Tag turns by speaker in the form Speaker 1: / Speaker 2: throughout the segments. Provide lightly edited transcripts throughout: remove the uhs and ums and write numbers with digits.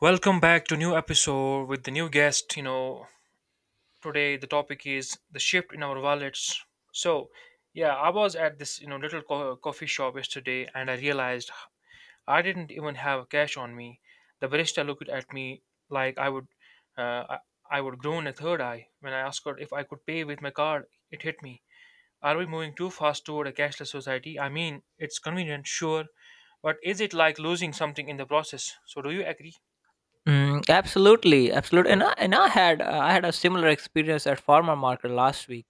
Speaker 1: Welcome back to new episode with the new guest. Today the topic is the shift in our wallets. So, yeah, I was at this little coffee shop yesterday, and I realized I didn't even have cash on me. The barista looked at me like uh, I, I would groan a third eye when I asked her if I could pay with my card. It hit me. Are we moving too fast toward a cashless society? I mean, it's convenient, sure, but is it like losing something in the process? So, do you agree?
Speaker 2: Mm, absolutely, absolutely. And I had a similar experience at farmer market last week.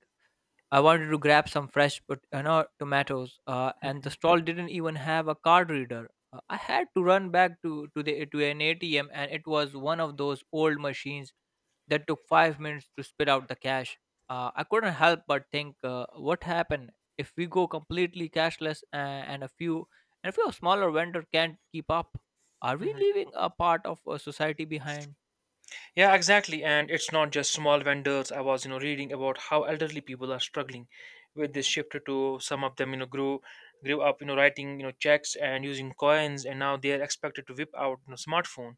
Speaker 2: I wanted to grab some fresh, but tomatoes, and the stall didn't even have a card reader. I had to run back to an ATM, and it was one of those old machines that took 5 minutes to spit out the cash. I couldn't help but think, what happened if we go completely cashless, and a few smaller vendor can't keep up? Are we
Speaker 1: Mm-hmm.
Speaker 2: leaving a part of society behind?
Speaker 1: Yeah, exactly. And it's not just small vendors. I was, reading about how elderly people are struggling with this shift to some of them, grew up, writing, checks and using coins, and now they are expected to whip out, smartphone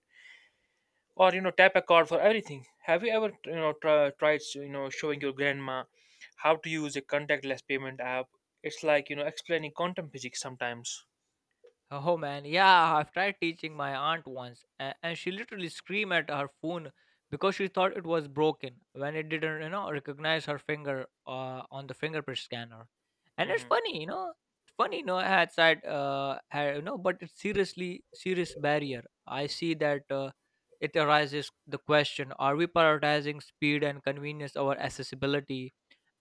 Speaker 1: or tap a card for everything. Have you ever, tried, showing your grandma how to use a contactless payment app? It's like, explaining quantum physics sometimes.
Speaker 2: Oh man, yeah, I've tried teaching my aunt once, and she literally screamed at her phone because she thought it was broken when it didn't recognize her finger on the fingerprint scanner. And it's
Speaker 1: Hmm.
Speaker 2: funny, had said, had, you know, but it's seriously serious barrier. I see that it arises the question: Are we prioritizing speed and convenience over accessibility?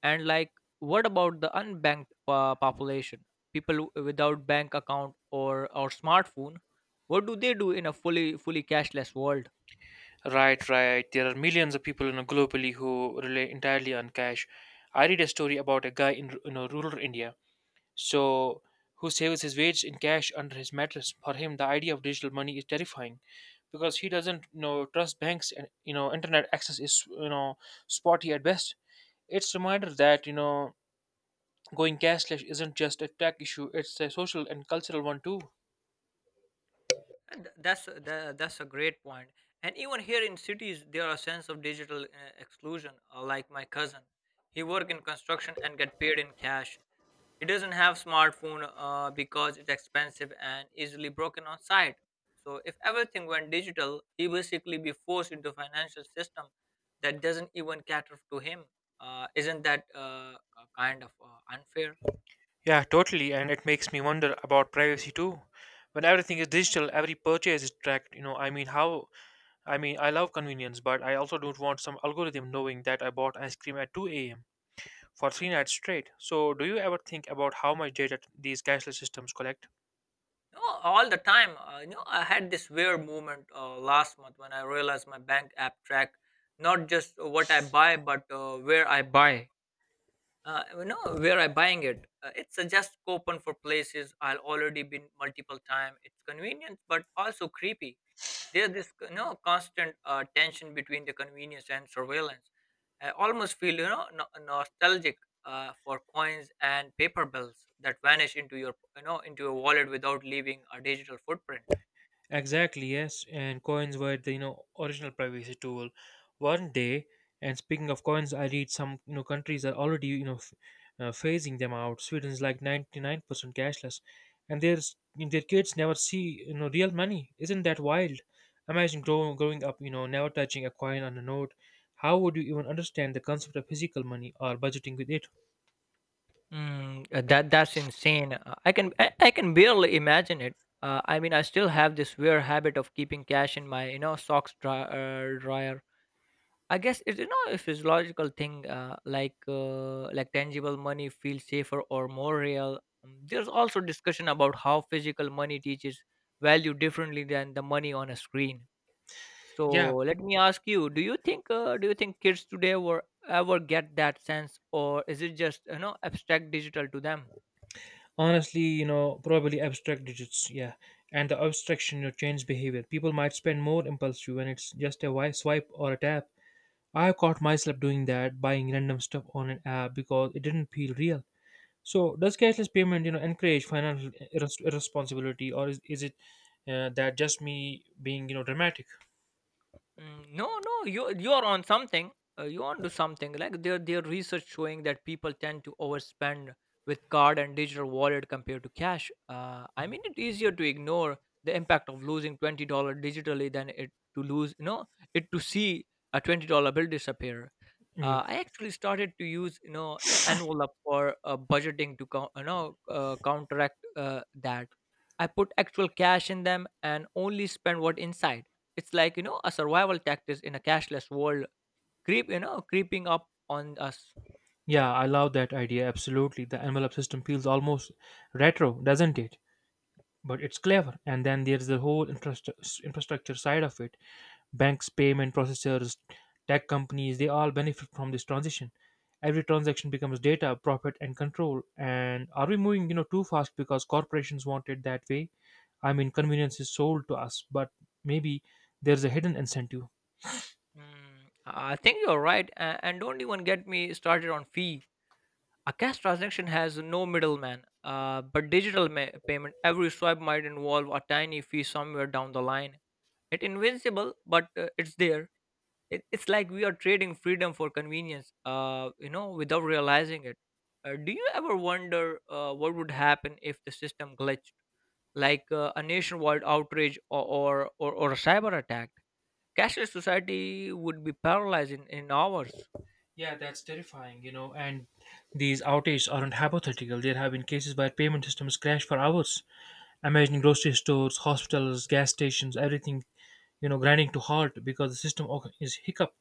Speaker 2: And like, what about the unbanked population, people without bank account or smartphone? What do they do in a fully cashless world?
Speaker 1: Right, right. There are millions of people globally who rely entirely on cash. I read a story about a guy in rural India, so who saves his wage in cash under his mattress. For him, the idea of digital money is terrifying because he doesn't trust banks, and internet access is spotty at best. It's a reminder that going cashless isn't just a tech issue; it's a social and cultural one too.
Speaker 2: And th- That's a- tha- that's a great point. And even here in cities, there are sense of digital exclusion. Like my cousin, he work in construction and get paid in cash. It doesn't have smartphone because it's expensive and easily broken on site. So if everything went digital, he basically be forced into financial system that doesn't even cater to him. Isn't that a kind of unfair?
Speaker 1: Yeah, totally. And it makes me wonder about privacy too. When everything is digital, every purchase is tracked. I mean, how? I mean, I love convenience, but I also don't want some algorithm knowing that I bought ice cream at 2 a.m. for three nights straight. So, do you ever think about how much data these cashless systems collect?
Speaker 2: No, all the time. I had this weird moment last month when I realized my bank app track not just what I buy, but where I buy. Where I buying it. It suggests coupon for places I'll already been multiple time. It's convenient, but also creepy. There's this constant tension between the convenience and surveillance. I almost feel nostalgic for coins and paper bills that vanish into your you know into your wallet without leaving a digital footprint.
Speaker 1: Exactly, yes. And coins were the original privacy tool. One day, and speaking of coins, I read some countries are already phasing them out. Sweden's like 99% cashless, and their kids never see real money. Isn't that wild? Imagine growing up, never touching a coin on a note. How would you even understand the concept of physical money or budgeting with it?
Speaker 2: Mm, that's insane. I can barely imagine it. I mean, I still have this weird habit of keeping cash in my socks, dryer. I guess it's a physiological thing, like tangible money feels safer or more real. There's also discussion about how physical money teaches value differently than the money on a screen. So
Speaker 1: Yeah,
Speaker 2: let me ask you: Do you think kids today will ever get that sense, or is it just abstract digital to them?
Speaker 1: honestly probably abstract digits, yeah. And the abstraction change behavior. People might spend more impulsive when it's just a swipe or a tap. I caught myself doing that, buying random stuff on an app because it didn't feel real. So does cashless payment encourage financial irresponsibility, or is it that just me being dramatic?
Speaker 2: Mm, no, no, you are on something. You on to something. Like, there research showing that people tend to overspend with card and digital wallet compared to cash. I mean, it's easier to ignore the impact of losing $20 digitally than it to lose it to see a $20 bill disappear.
Speaker 1: Yeah,
Speaker 2: I actually started to use envelope for budgeting, to counteract that. I put actual cash in them and only spend what inside. It's like, a survival tactic in a cashless world, creeping up on us.
Speaker 1: yeah, I love that idea, absolutely. The envelope system feels almost retro, doesn't it? But it's clever. And then there's the whole infrastructure side of it: banks, payment processors, tech companies, they all benefit from this transition. Every transaction becomes data, profit, and control. And are we moving, too fast because corporations want it that way? I mean, convenience is sold to us, but maybe there's a hidden incentive.
Speaker 2: Mm, I think you're right, and don't even get me started on fee. A cash transaction has no middleman, but digital payment, every swipe might involve a tiny fee somewhere down the line. It's invincible, but it's there. It's like we are trading freedom for convenience without realizing it. Do you ever wonder what would happen if the system glitched, like a nationwide outrage or a cyber attack? Cashless society would be paralyzed in hours.
Speaker 1: Yeah, that's terrifying, you know. And these outages aren't hypothetical. There have been cases where payment systems crash for hours. Imagine grocery stores, hospitals, gas stations, everything, grinding to halt because the system is hiccup.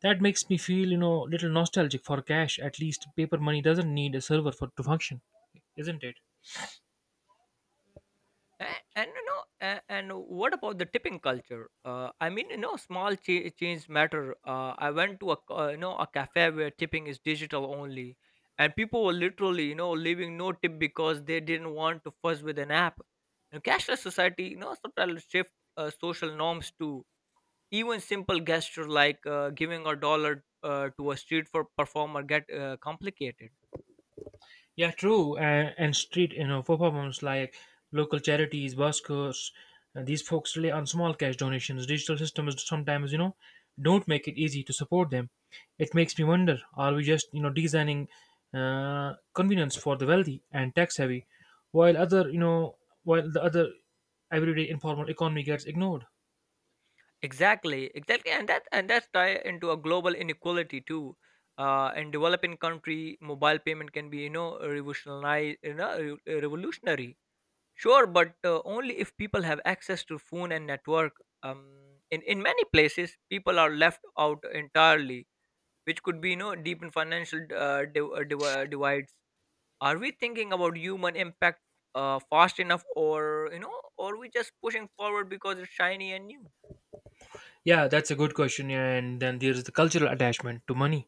Speaker 1: That makes me feel, little nostalgic for cash. At least paper money doesn't need a server for to function, isn't it?
Speaker 2: A- and you know a- and what about the tipping culture? I mean, small change matter. I went to a a cafe where tipping is digital only, and people were literally leaving no tip because they didn't want to fuss with an app. And cashless society sometimes shift social norms too. Even simple gesture like giving a dollar to a street for performer get complicated.
Speaker 1: Yeah, true. And street, performance like local charities, buskers, these folks rely on small cash donations. Digital systems sometimes, don't make it easy to support them. It makes me wonder: are we just, designing convenience for the wealthy and tax heavy, while the other everyday informal economy gets ignored?
Speaker 2: Exactly, exactly, and that's tie into a global inequality too. In developing country, mobile payment can be revolutionary, revolutionary. Sure, but only if people have access to phone and network. In many places, people are left out entirely, which could be deepen financial divides. Are we thinking about human impact fast enough, or we just pushing forward because it's shiny and new?
Speaker 1: Yeah, that's a good question. Yeah, and then there's the cultural attachment to money.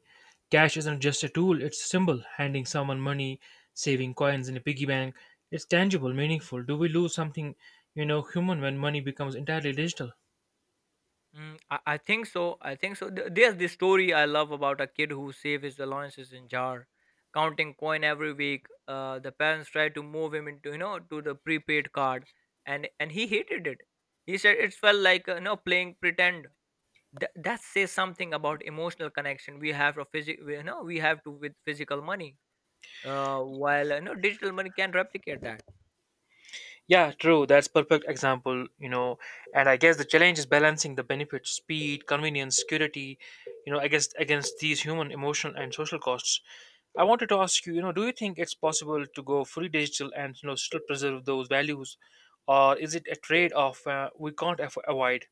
Speaker 1: Cash isn't just a tool, it's a symbol. Handing someone money, saving coins in a piggy bank, it's tangible, meaningful. Do we lose something, human when money becomes entirely digital?
Speaker 2: Mm, I think so. I think so. There's this story I love about a kid who saved his allowances in jar, counting coin every week. The parents tried to move him into you know to the prepaid card, and he hated it. He said it felt like playing pretend. That says something about emotional connection we have to with physical money. While digital money can replicate that.
Speaker 1: Yeah, true. That's perfect example, you know. And I guess the challenge is balancing the benefits, speed, convenience, security, against these human, emotional, and social costs. I wanted to ask you, do you think it's possible to go fully digital and still preserve those values, or is it a trade-off we can't avoid?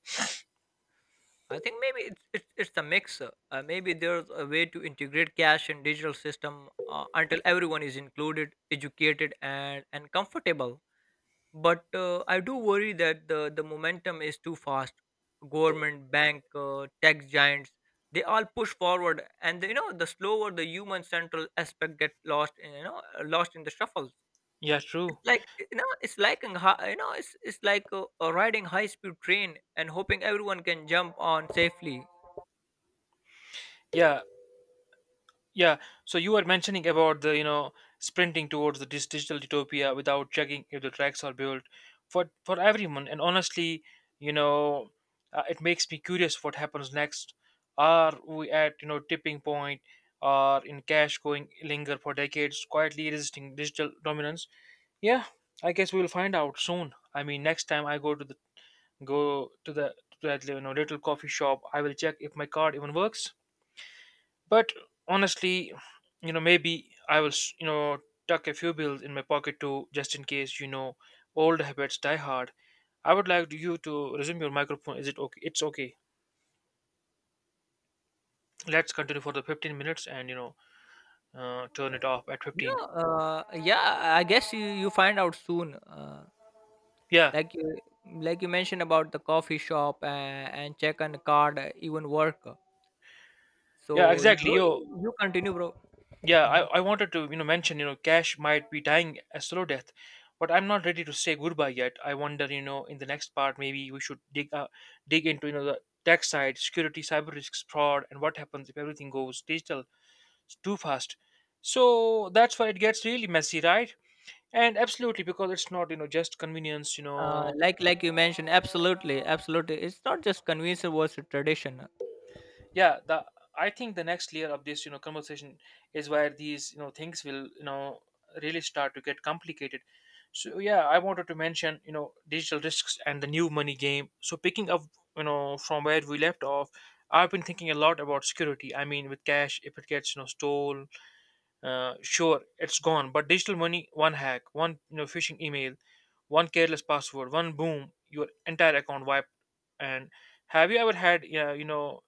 Speaker 2: I think maybe it's a mix. Maybe there's a way to integrate cash and digital system until everyone is included, educated, and comfortable. But I do worry that the momentum is too fast. Government, bank, tech giants, they all push forward, and the slower, the human central aspect get lost in the shuffles.
Speaker 1: Yeah, true.
Speaker 2: It's like, it's like in hi- you know, it's like riding high speed train and hoping everyone can jump on safely.
Speaker 1: Yeah, yeah, so you were mentioning about the, sprinting towards the digital utopia without checking if the tracks are built for everyone. And honestly, you know, it makes me curious what happens next. Are we at, tipping point or in cash going linger for decades, quietly resisting digital dominance? Yeah, I guess we will find out soon. I mean, next time I go go to the to that, little coffee shop, I will check if my card even works. But honestly, maybe I will, tuck a few bills in my pocket too, just in case, old habits die hard. I would like you to resume your microphone. Is it okay? It's okay. Let's continue for the 15 minutes and, turn it off at
Speaker 2: No,
Speaker 1: 15.
Speaker 2: yeah, I guess you find out soon. Uh,
Speaker 1: Yeah,
Speaker 2: like you mentioned about the coffee shop, and check and card even work.
Speaker 1: yeah,
Speaker 2: So you
Speaker 1: exactly.
Speaker 2: bro,
Speaker 1: Yo,
Speaker 2: you continue, bro.
Speaker 1: yeah, I,
Speaker 2: Mhm.
Speaker 1: I wanted to, mention, cash might be dying a slow death, but I'm not ready to say goodbye yet. I wonder, in the next part, maybe we should dig into, the tech side, security, cyber risks, fraud, and what happens if everything goes digital too fast. So that's why it gets really messy, right? And absolutely, because it's not, just convenience, you
Speaker 2: Uh,
Speaker 1: know,
Speaker 2: like like you mentioned, absolutely, absolutely. It's not just convenience versus tradition.
Speaker 1: Yeah. the I think the next layer of this conversation is where these things will really start to get complicated. So yeah, I wanted to mention digital risks and the new money game. So picking up from where we left off, I've been thinking a lot about security. I mean, with cash, if it gets stole, sure it's gone. But digital money, one hack, one phishing email, one careless password, one boom, your entire account wiped. And have you ever had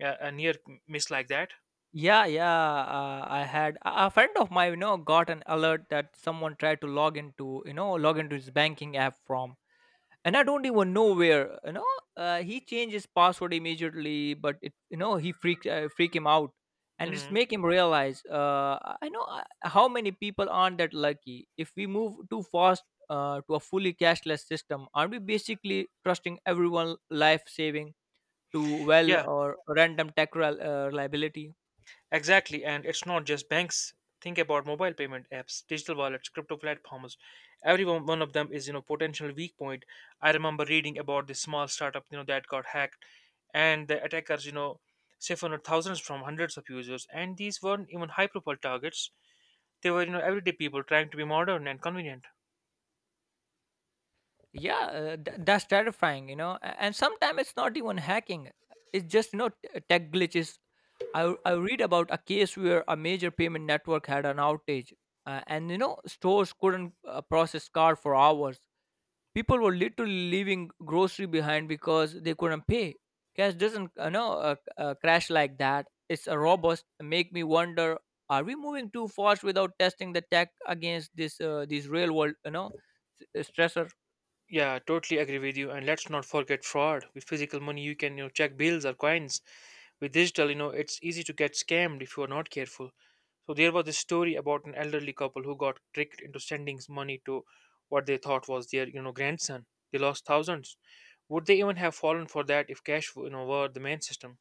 Speaker 1: a near miss like that?
Speaker 2: Yeah, yeah. I had a friend of mine, got an alert that someone tried to log into his banking app from, and I don't even know where. He changed his password immediately, but it you know he freaked freak him out. And it's
Speaker 1: Mhm.
Speaker 2: make him realize, I know, how many people aren't that lucky. If we move too fast to a fully cashless system, aren't we basically trusting everyone life saving to, well,
Speaker 1: Yeah.
Speaker 2: or random tech reliability.
Speaker 1: Exactly, and it's not just banks. Think about mobile payment apps, digital wallets, crypto platforms. Every one of them is, potential weak point. I remember reading about this small startup, that got hacked, and the attackers, siphoned thousands from hundreds of users. And these weren't even high-profile targets. They were, everyday people trying to be modern and convenient.
Speaker 2: Yeah, that's terrifying. And sometimes it's not even hacking, it's just tech glitches. I read about a case where a major payment network had an outage, and stores couldn't process card for hours. People were literally leaving grocery behind because they couldn't pay. Cash doesn't, crash like that. It's a robust. Make me wonder: Are we moving too fast without testing the tech against this these real world, stressor?
Speaker 1: Yeah, totally agree with you. And let's not forget fraud. With physical money, you can check bills or coins. With digital, it's easy to get scammed if you are not careful. So there was this story about an elderly couple who got tricked into sending money to what they thought was their, grandson. They lost thousands. Would they even have fallen for that if cash, were the main system?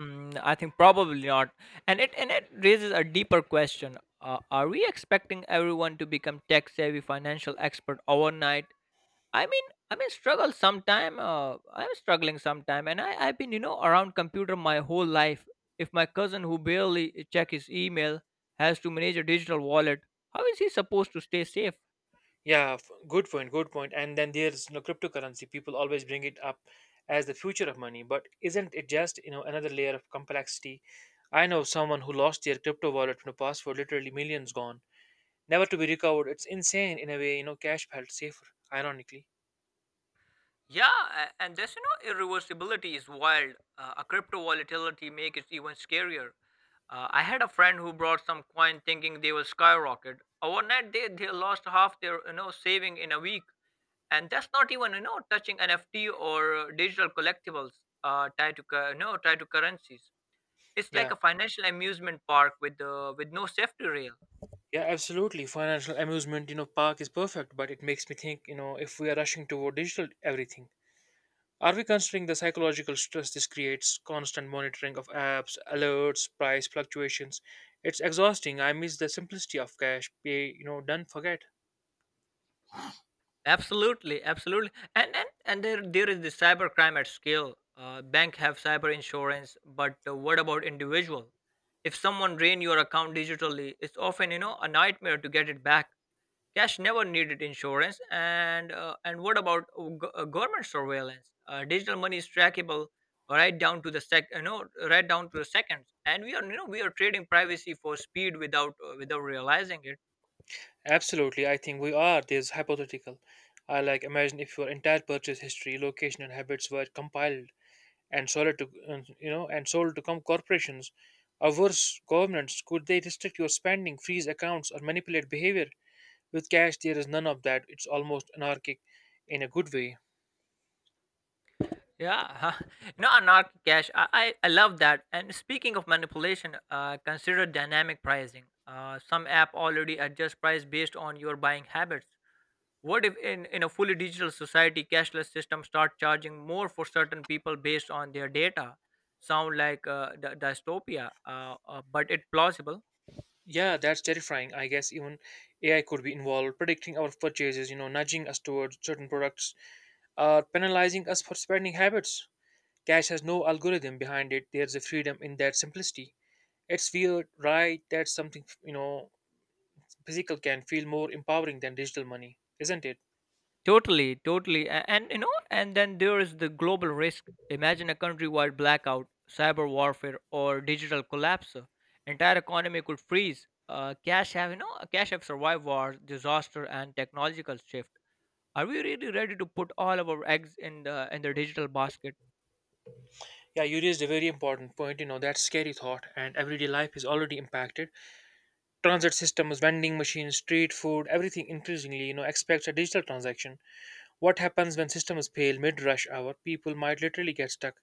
Speaker 2: Mm, I think probably not. And it raises a deeper question: Are we expecting everyone to become tech savvy financial expert overnight? I mean, struggle sometime. I'm struggling sometime, and I've been around computer my whole life. If my cousin who barely check his email has to manage a digital wallet, how is he supposed to stay safe?
Speaker 1: Yeah, good point, good point. And then there's no cryptocurrency. People always bring it up as the future of money, but isn't it just, another layer of complexity? I know someone who lost their crypto wallet from the password, literally millions gone, never to be recovered. It's insane in a way, cash felt safer, ironically.
Speaker 2: Yeah, and this, irreversibility is wild. A crypto volatility make it even scarier. I had a friend who brought some coin thinking they will skyrocket. Overnight, they lost half their saving in a week. And that's not even touching NFT or digital collectibles tied to currencies. It's like
Speaker 1: Yeah.
Speaker 2: a financial amusement park with no safety rail.
Speaker 1: Yeah, absolutely. Financial amusement, park is perfect, but it makes me think, if we are rushing toward digital everything, are we considering the psychological stress this creates? Constant monitoring of apps, alerts, price fluctuations. It's exhausting. I miss the simplicity of cash. Pay, done, forget.
Speaker 2: Absolutely, absolutely, and there is the cyber crime at scale. Bank have cyber insurance, but what about individual? If someone drain your account digitally, it's often a nightmare to get it back. Cash never needed insurance. And what about government surveillance? Digital money is trackable right down to the sec. Right down to the seconds. And we are trading privacy for speed without realizing it.
Speaker 1: Absolutely, I think we are. This hypothetical. I like imagine if your entire purchase history, location, and habits were compiled and sold to corporations, or worse, governments. Could they restrict your spending, freeze accounts, or manipulate behavior? With cash, there is none of that. It's almost anarchic, in a good way.
Speaker 2: Yeah, no, know, anarchic cash. I love that. And speaking of manipulation, consider dynamic pricing. Some app already adjust price based on your buying habits. What if in a fully digital society, cashless systems start charging more for certain people based on their data? Sound like dystopia, but it plausible.
Speaker 1: Yeah, that's terrifying. I guess even AI could be involved, predicting our purchases, nudging us towards certain products, or penalizing us for spending habits. Cash has no algorithm behind it. There's a freedom in that simplicity. It's weird, right? That's something, physical can feel more empowering than digital money, isn't it?
Speaker 2: Totally, totally. And then there is the global risk. Imagine a countrywide blackout, cyber warfare, or digital collapse. Entire economy could freeze. Cash have cash have survived wars, disaster, and technological shift. Are we really ready to put all of our eggs in the digital basket?
Speaker 1: Yeah, you raised a very important point, that's scary thought, and everyday life is already impacted. Transit systems, vending machines, street food, everything increasingly, expects a digital transaction. What happens when systems fail mid rush hour? People might literally get stuck.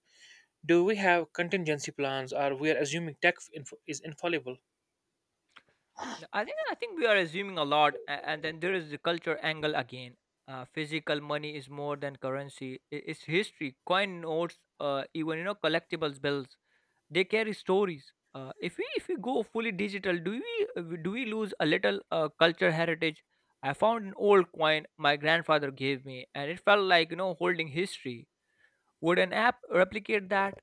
Speaker 1: Do we have contingency plans or we're assuming is infallible?
Speaker 2: I think we are assuming a lot. And then there is the culture angle again. Physical money is more than currency. It's history, coin notes, even collectibles bills they carry stories. If we go fully digital, do we lose a little culture heritage? I found an old coin my grandfather gave me and it felt like holding history. Would an app replicate that?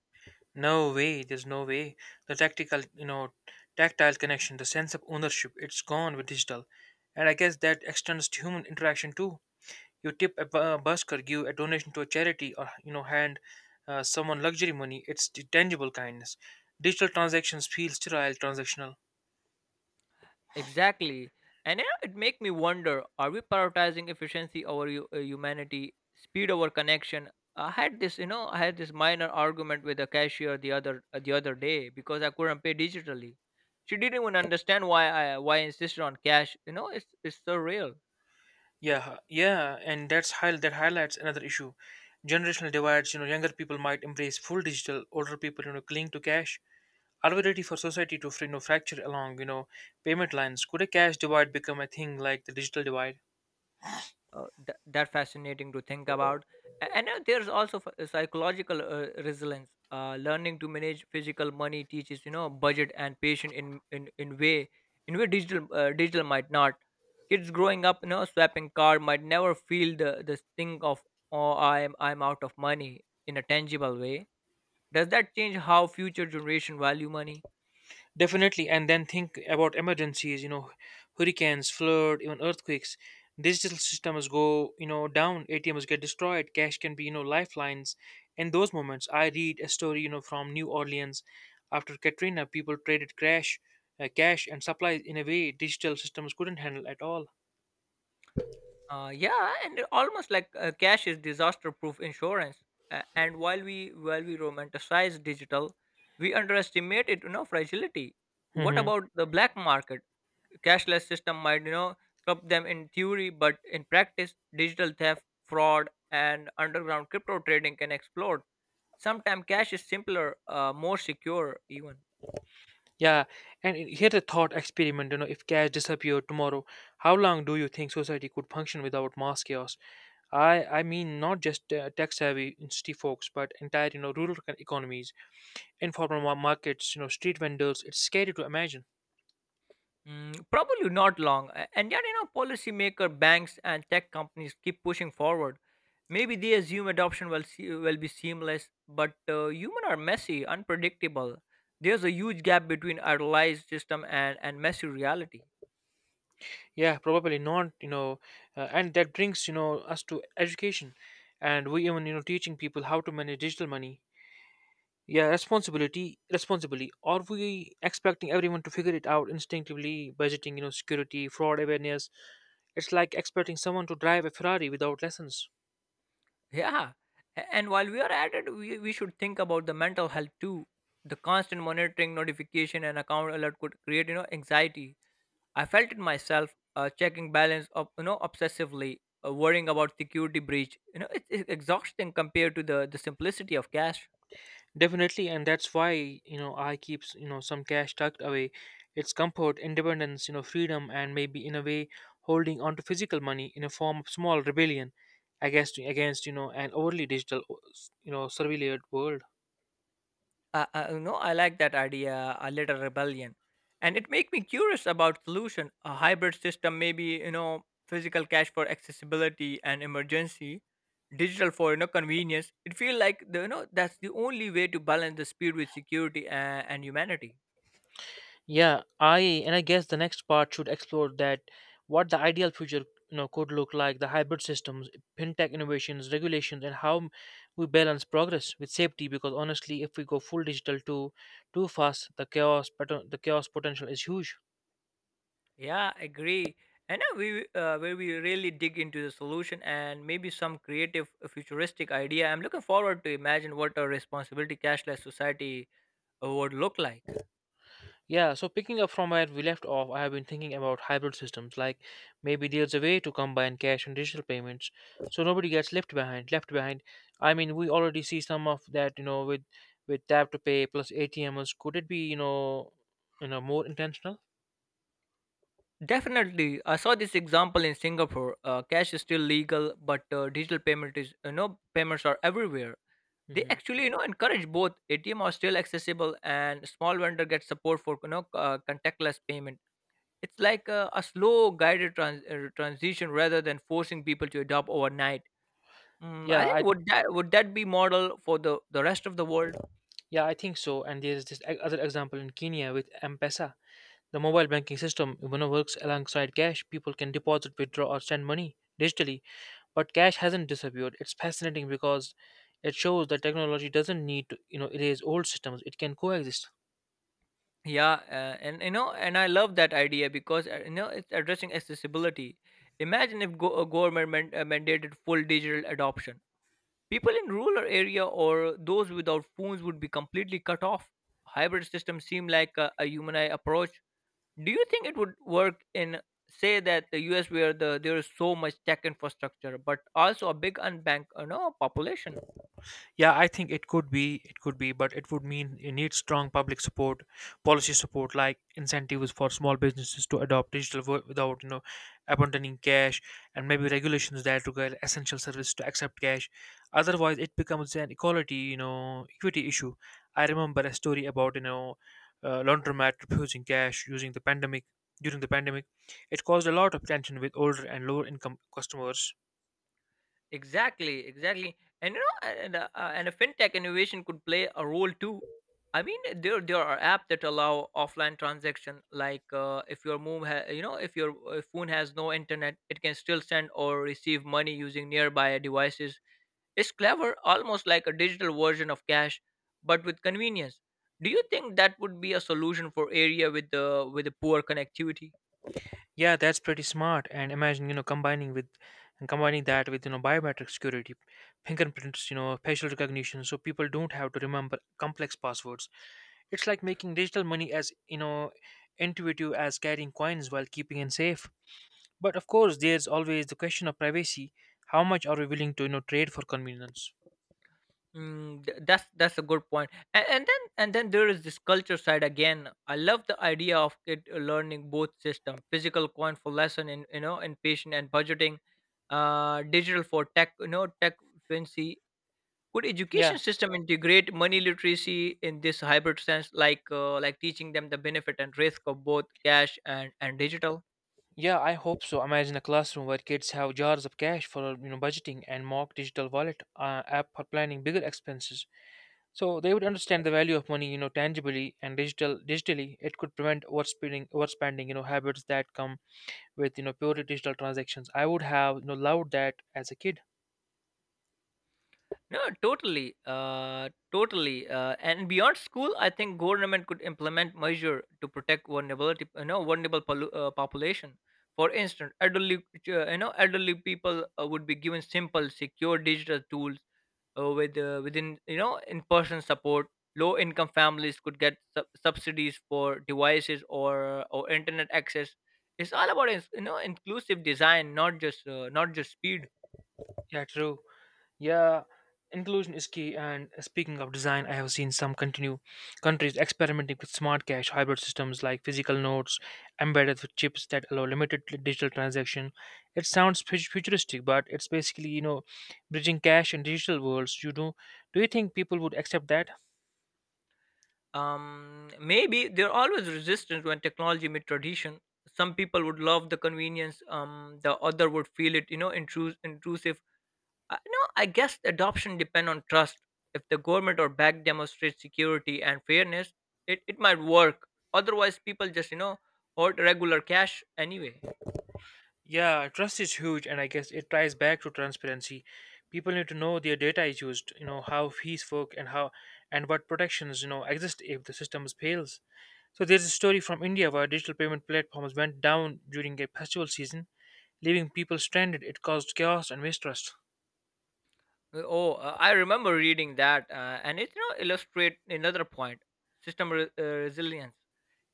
Speaker 1: No way, there's no way. The tactile connection, the sense of ownership, it's gone with digital. And I guess that extends to human interaction too. You tip a busker, give a donation to a charity, or hand someone luxury money. It's the tangible kindness. Digital transactions feel sterile, transactional.
Speaker 2: Exactly. And yeah, it make me wonder, are we prioritizing efficiency over humanity, speed over connection? I had this minor argument with a cashier the other day because I couldn't pay digitally. She didn't even understand why I insisted on cash. You know, it's surreal.
Speaker 1: Yeah, yeah, and that highlights another issue. Generational divides, you know, younger people might embrace full digital, older people, you know, cling to cash. Are we ready for society to, you know, fracture along, payment lines? Could a cash divide become a thing like the digital divide?
Speaker 2: That's fascinating to think about. A- and There's also psychological resilience. Learning to manage physical money teaches budget and patience in way digital digital might not. Kids growing up swapping card might never feel the sting of, oh, I'm out of money, in a tangible way. Does that change how future generation value money?
Speaker 1: Definitely, and then think about emergencies, you know, hurricanes, flood, even earthquakes. Digital systems go, you know, down, ATMs get destroyed, cash can be, you know, lifelines. In those moments, I read a story, you know, from New Orleans after Katrina, people traded cash and supplies in a way digital systems couldn't handle at all.
Speaker 2: Yeah, and almost like cash is disaster-proof insurance. And while we romanticize digital, we underestimate it, you know, fragility. What
Speaker 1: Hmm.
Speaker 2: about the black market? Cashless system might help them in theory, but in practice digital theft fraud and underground crypto trading can explode. Sometimes cash is simpler, more secure even.
Speaker 1: Yeah, and here the thought experiment, you know, if cash disappeared tomorrow, how long do you think society could function without mass chaos? I mean not just tech-savvy city folks, but entire, you know, rural economies, informal markets, you know, street vendors. It's scary to imagine.
Speaker 2: Mm, probably not long. And yet, you know, policymaker, banks, and tech companies keep pushing forward. Maybe they assume adoption will be seamless, but human are messy, unpredictable. There's a huge gap between idealized system and messy reality.
Speaker 1: Yeah, probably not, you know, and that brings, you know, us to education. And we even, you know, teaching people how to manage digital money. Yeah, responsibly. Are we expecting everyone to figure it out instinctively, budgeting, you know, security, fraud awareness? It's like expecting someone to drive a Ferrari without lessons.
Speaker 2: Yeah. And while we are at it, we should think about the mental health too. The constant monitoring, notification, and account alert could create, you know, anxiety. I felt it myself, checking balance, you know, obsessively, worrying about security breach. You know, it's exhausting compared to the simplicity of cash.
Speaker 1: Definitely, and that's why, you know, I keep, you know, some cash tucked away. It's comfort, independence, you know, freedom, and maybe in a way holding on to physical money in a form of small rebellion, I guess, against you know, an overly digital, you know, surveilled world.
Speaker 2: You know, I like that idea, a little rebellion. And it make me curious about solution, a hybrid system, maybe, you know, physical cash for accessibility and emergency, digital for you know convenience. It feels like the, you know that's the only way to balance the speed with security and humanity.
Speaker 1: Yeah, I, and I guess the next part should explore that, what the ideal future you know could look like, the hybrid systems, fintech innovations, regulations, and how we balance progress with safety. Because honestly, if we go full digital too fast, the the chaos potential is huge.
Speaker 2: Yeah, agree. And we really dig into the solution and maybe some creative, futuristic idea. I'm looking forward to imagine what a responsibility cashless society would look like.
Speaker 1: Yeah, so picking up from where we left off, I have been thinking about hybrid systems, like maybe there's a way to combine cash and digital payments so nobody gets left behind. I mean, we already see some of that, you know, with tap to pay plus ATMs. Could it be, you know, more intentional?
Speaker 2: Definitely, I saw this example in Singapore. Cash is still legal, but digital payments are everywhere. They
Speaker 1: Hmm.
Speaker 2: actually encourage both. ATM are still accessible, and small vendor get support for contactless payment. It's like a slow guided transition rather than forcing people to adopt overnight. Mm, I
Speaker 1: Yeah,
Speaker 2: think,
Speaker 1: I
Speaker 2: would that be model for the rest of the world?
Speaker 1: yeah, I think so. And there's this other example in Kenya with M-Pesa. The mobile banking system, you know, works alongside cash. People can deposit, withdraw, or send money digitally. But cash hasn't disappeared. It's fascinating because it shows that technology doesn't need to, you know, erase old systems. It can coexist.
Speaker 2: Yeah, and you know, and I love that idea because you know it's addressing accessibility. Imagine if a government mandated full digital adoption. People in rural area or those without phones would be completely cut off. Hybrid systems seem like a human eye approach. Do you think it would work in, say, that the US where there is so much tech infrastructure, but also a big unbanked, you know, population?
Speaker 1: Yeah, I think it could be, but it would mean you need strong public support, policy support like incentives for small businesses to adopt without, you know, abandoning cash, and maybe regulations that require essential services to accept cash. Otherwise, it becomes an equity issue. I remember a story about, you know, laundromat refusing cash using the pandemic. During the pandemic, it caused a lot of tension with older and lower income customers.
Speaker 2: Exactly, exactly, and you know, and a fintech innovation could play a role too. I mean, there are apps that allow offline transaction, like if your move ha- you know, if your phone has no internet, it can still send or receive money using nearby devices. Is clever, almost like a digital version of cash, but with convenience. Do you think that would be a solution for area with the poor connectivity?
Speaker 1: Yeah, that's pretty smart. And imagine, you know, combining with and combining that with, you know, biometric security, fingerprints, you know, facial recognition, so people don't have to remember complex passwords. It's like making digital money as, you know, intuitive as carrying coins while keeping it safe. But of course, there's always the question of privacy. How much are we willing to, you know, trade for convenience?
Speaker 2: Mm, that's a good point. And, and then there is this culture side again. I love the idea of kid learning both system, physical coin for lesson in in patient and budgeting, digital for tech tech fluency. Could education
Speaker 1: Yeah,
Speaker 2: system integrate money literacy in this hybrid sense, like like teaching them the benefit and risk of both cash and digital?
Speaker 1: yeah, I hope so. Imagine a classroom where kids have jars of cash for, you know, budgeting and mock digital wallet app for planning bigger expenses. So they would understand the value of money, you know, tangibly and digital. Digitally, it could prevent overspending, you know, habits that come with you know purely digital transactions. I would have you know loved that as a kid.
Speaker 2: No, totally, totally, and beyond school, I think government could implement measure to protect vulnerability, you know, vulnerable population. For instance, elderly people would be given simple, secure digital tools within in-person support. Low-income families could get subsidies for devices or internet access. It's all about you know inclusive design, not just not just speed.
Speaker 1: Yeah, true. Yeah, inclusion is key. And speaking of design, I have seen some continue countries experimenting with smart cash hybrid systems like physical notes embedded with chips that allow digital transaction. It sounds futuristic, but it's basically you know bridging cash and digital worlds. You know, do you think people would accept that?
Speaker 2: Maybe they're always resistant when technology meets tradition. Some people would love the convenience. The other would feel it, you know, intrusive. No, I guess the adoption depend on trust. If the government or bank demonstrates security and fairness, it might work. Otherwise, people just, you know, hoard regular cash anyway.
Speaker 1: Yeah, trust is huge, and I guess it ties back to transparency. People need to know their data is used, you know, how fees work and how and what protections, you know, exist if the system fails. So there's a story from India where digital payment platforms went down during a festival season, leaving people stranded. It caused chaos and mistrust.
Speaker 2: Oh, I remember reading that, and it you know illustrate another point: system resilience.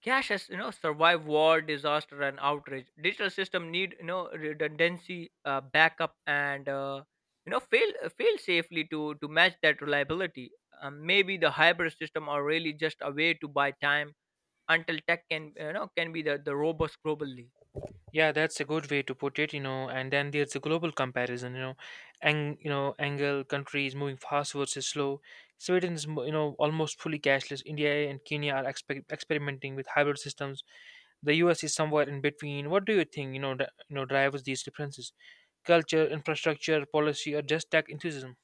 Speaker 2: Cash has you know survived war, disaster, and outrage. Digital system need you know redundancy, backup, and you know fail safely to match that reliability. Maybe the hybrid system are really just a way to buy time until tech can you know can be the robust globally.
Speaker 1: Yeah, that's a good way to put it, you know. And then there's a global comparison, and you know, angle countries moving fast versus slow. Sweden is, you know, almost fully cashless. India and Kenya are experimenting with hybrid systems. The U.S. is somewhere in between. What do you think, you know, drives these differences? Culture, infrastructure, policy, or just tech enthusiasm?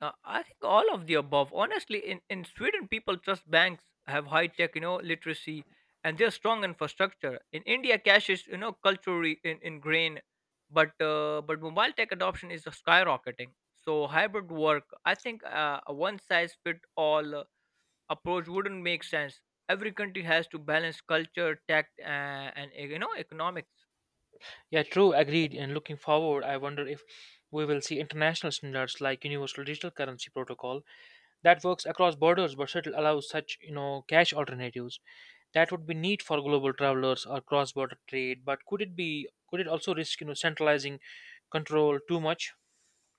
Speaker 2: I think all of the above. Honestly, in Sweden, people trust banks have high tech, you know, literacy, and they're strong infrastructure. In India, cash is you know culturally ingrained, but mobile tech adoption is skyrocketing. So hybrid work, I think a one size fit all approach wouldn't make sense. Every country has to balance culture, tech, and you know economics.
Speaker 1: Yeah, true, agreed. And looking forward, I wonder if we will see international standards like universal digital currency protocol that works across borders but still allows such you know cash alternatives. That would be neat for global travelers or cross-border trade, but could it also risk you know centralizing control too much?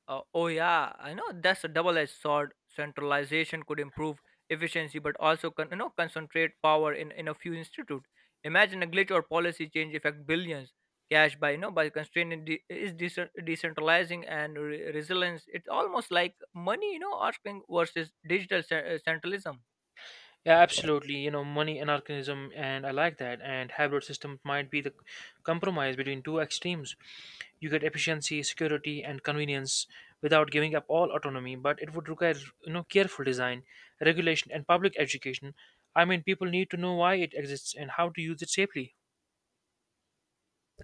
Speaker 2: Oh yeah, I know that's a double-edged sword. Centralization could improve efficiency, but also you know concentrate power in a few institute. Imagine a glitch or policy change affect billions. Cash by you know by is decentralizing and resilience. It's almost like money you know asking versus digital centralism.
Speaker 1: Yeah, absolutely, you know, money anarchism, and I like that. And hybrid system might be the compromise between two extremes. You get efficiency, security and convenience without giving up all autonomy, but it would require you know careful design, regulation and public education. I mean, people need to know why it exists and how to use it safely.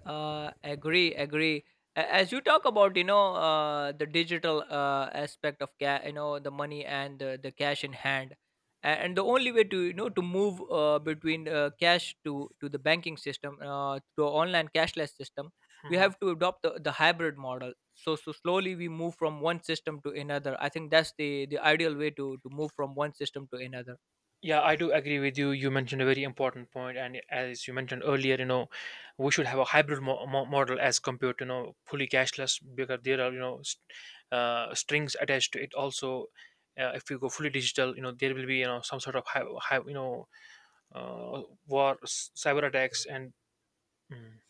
Speaker 2: Agree, agree. As you talk about, you know, the digital aspect of you know, the money and the cash in hand, and the only way to you know to move between cash to the banking system, to online cashless system, we
Speaker 1: Hmm.
Speaker 2: have to adopt the hybrid model. So slowly we move from one system to another. I think that's the ideal way to move from one system to another.
Speaker 1: Yeah, I do agree with you. You mentioned a very important point, and as you mentioned earlier, you know, we should have a hybrid model as compared to you know fully cashless because there are you know strings attached to it. Also, if you go fully digital, you know there will be you know some sort of high, you know, uh, cyber attacks and Mm.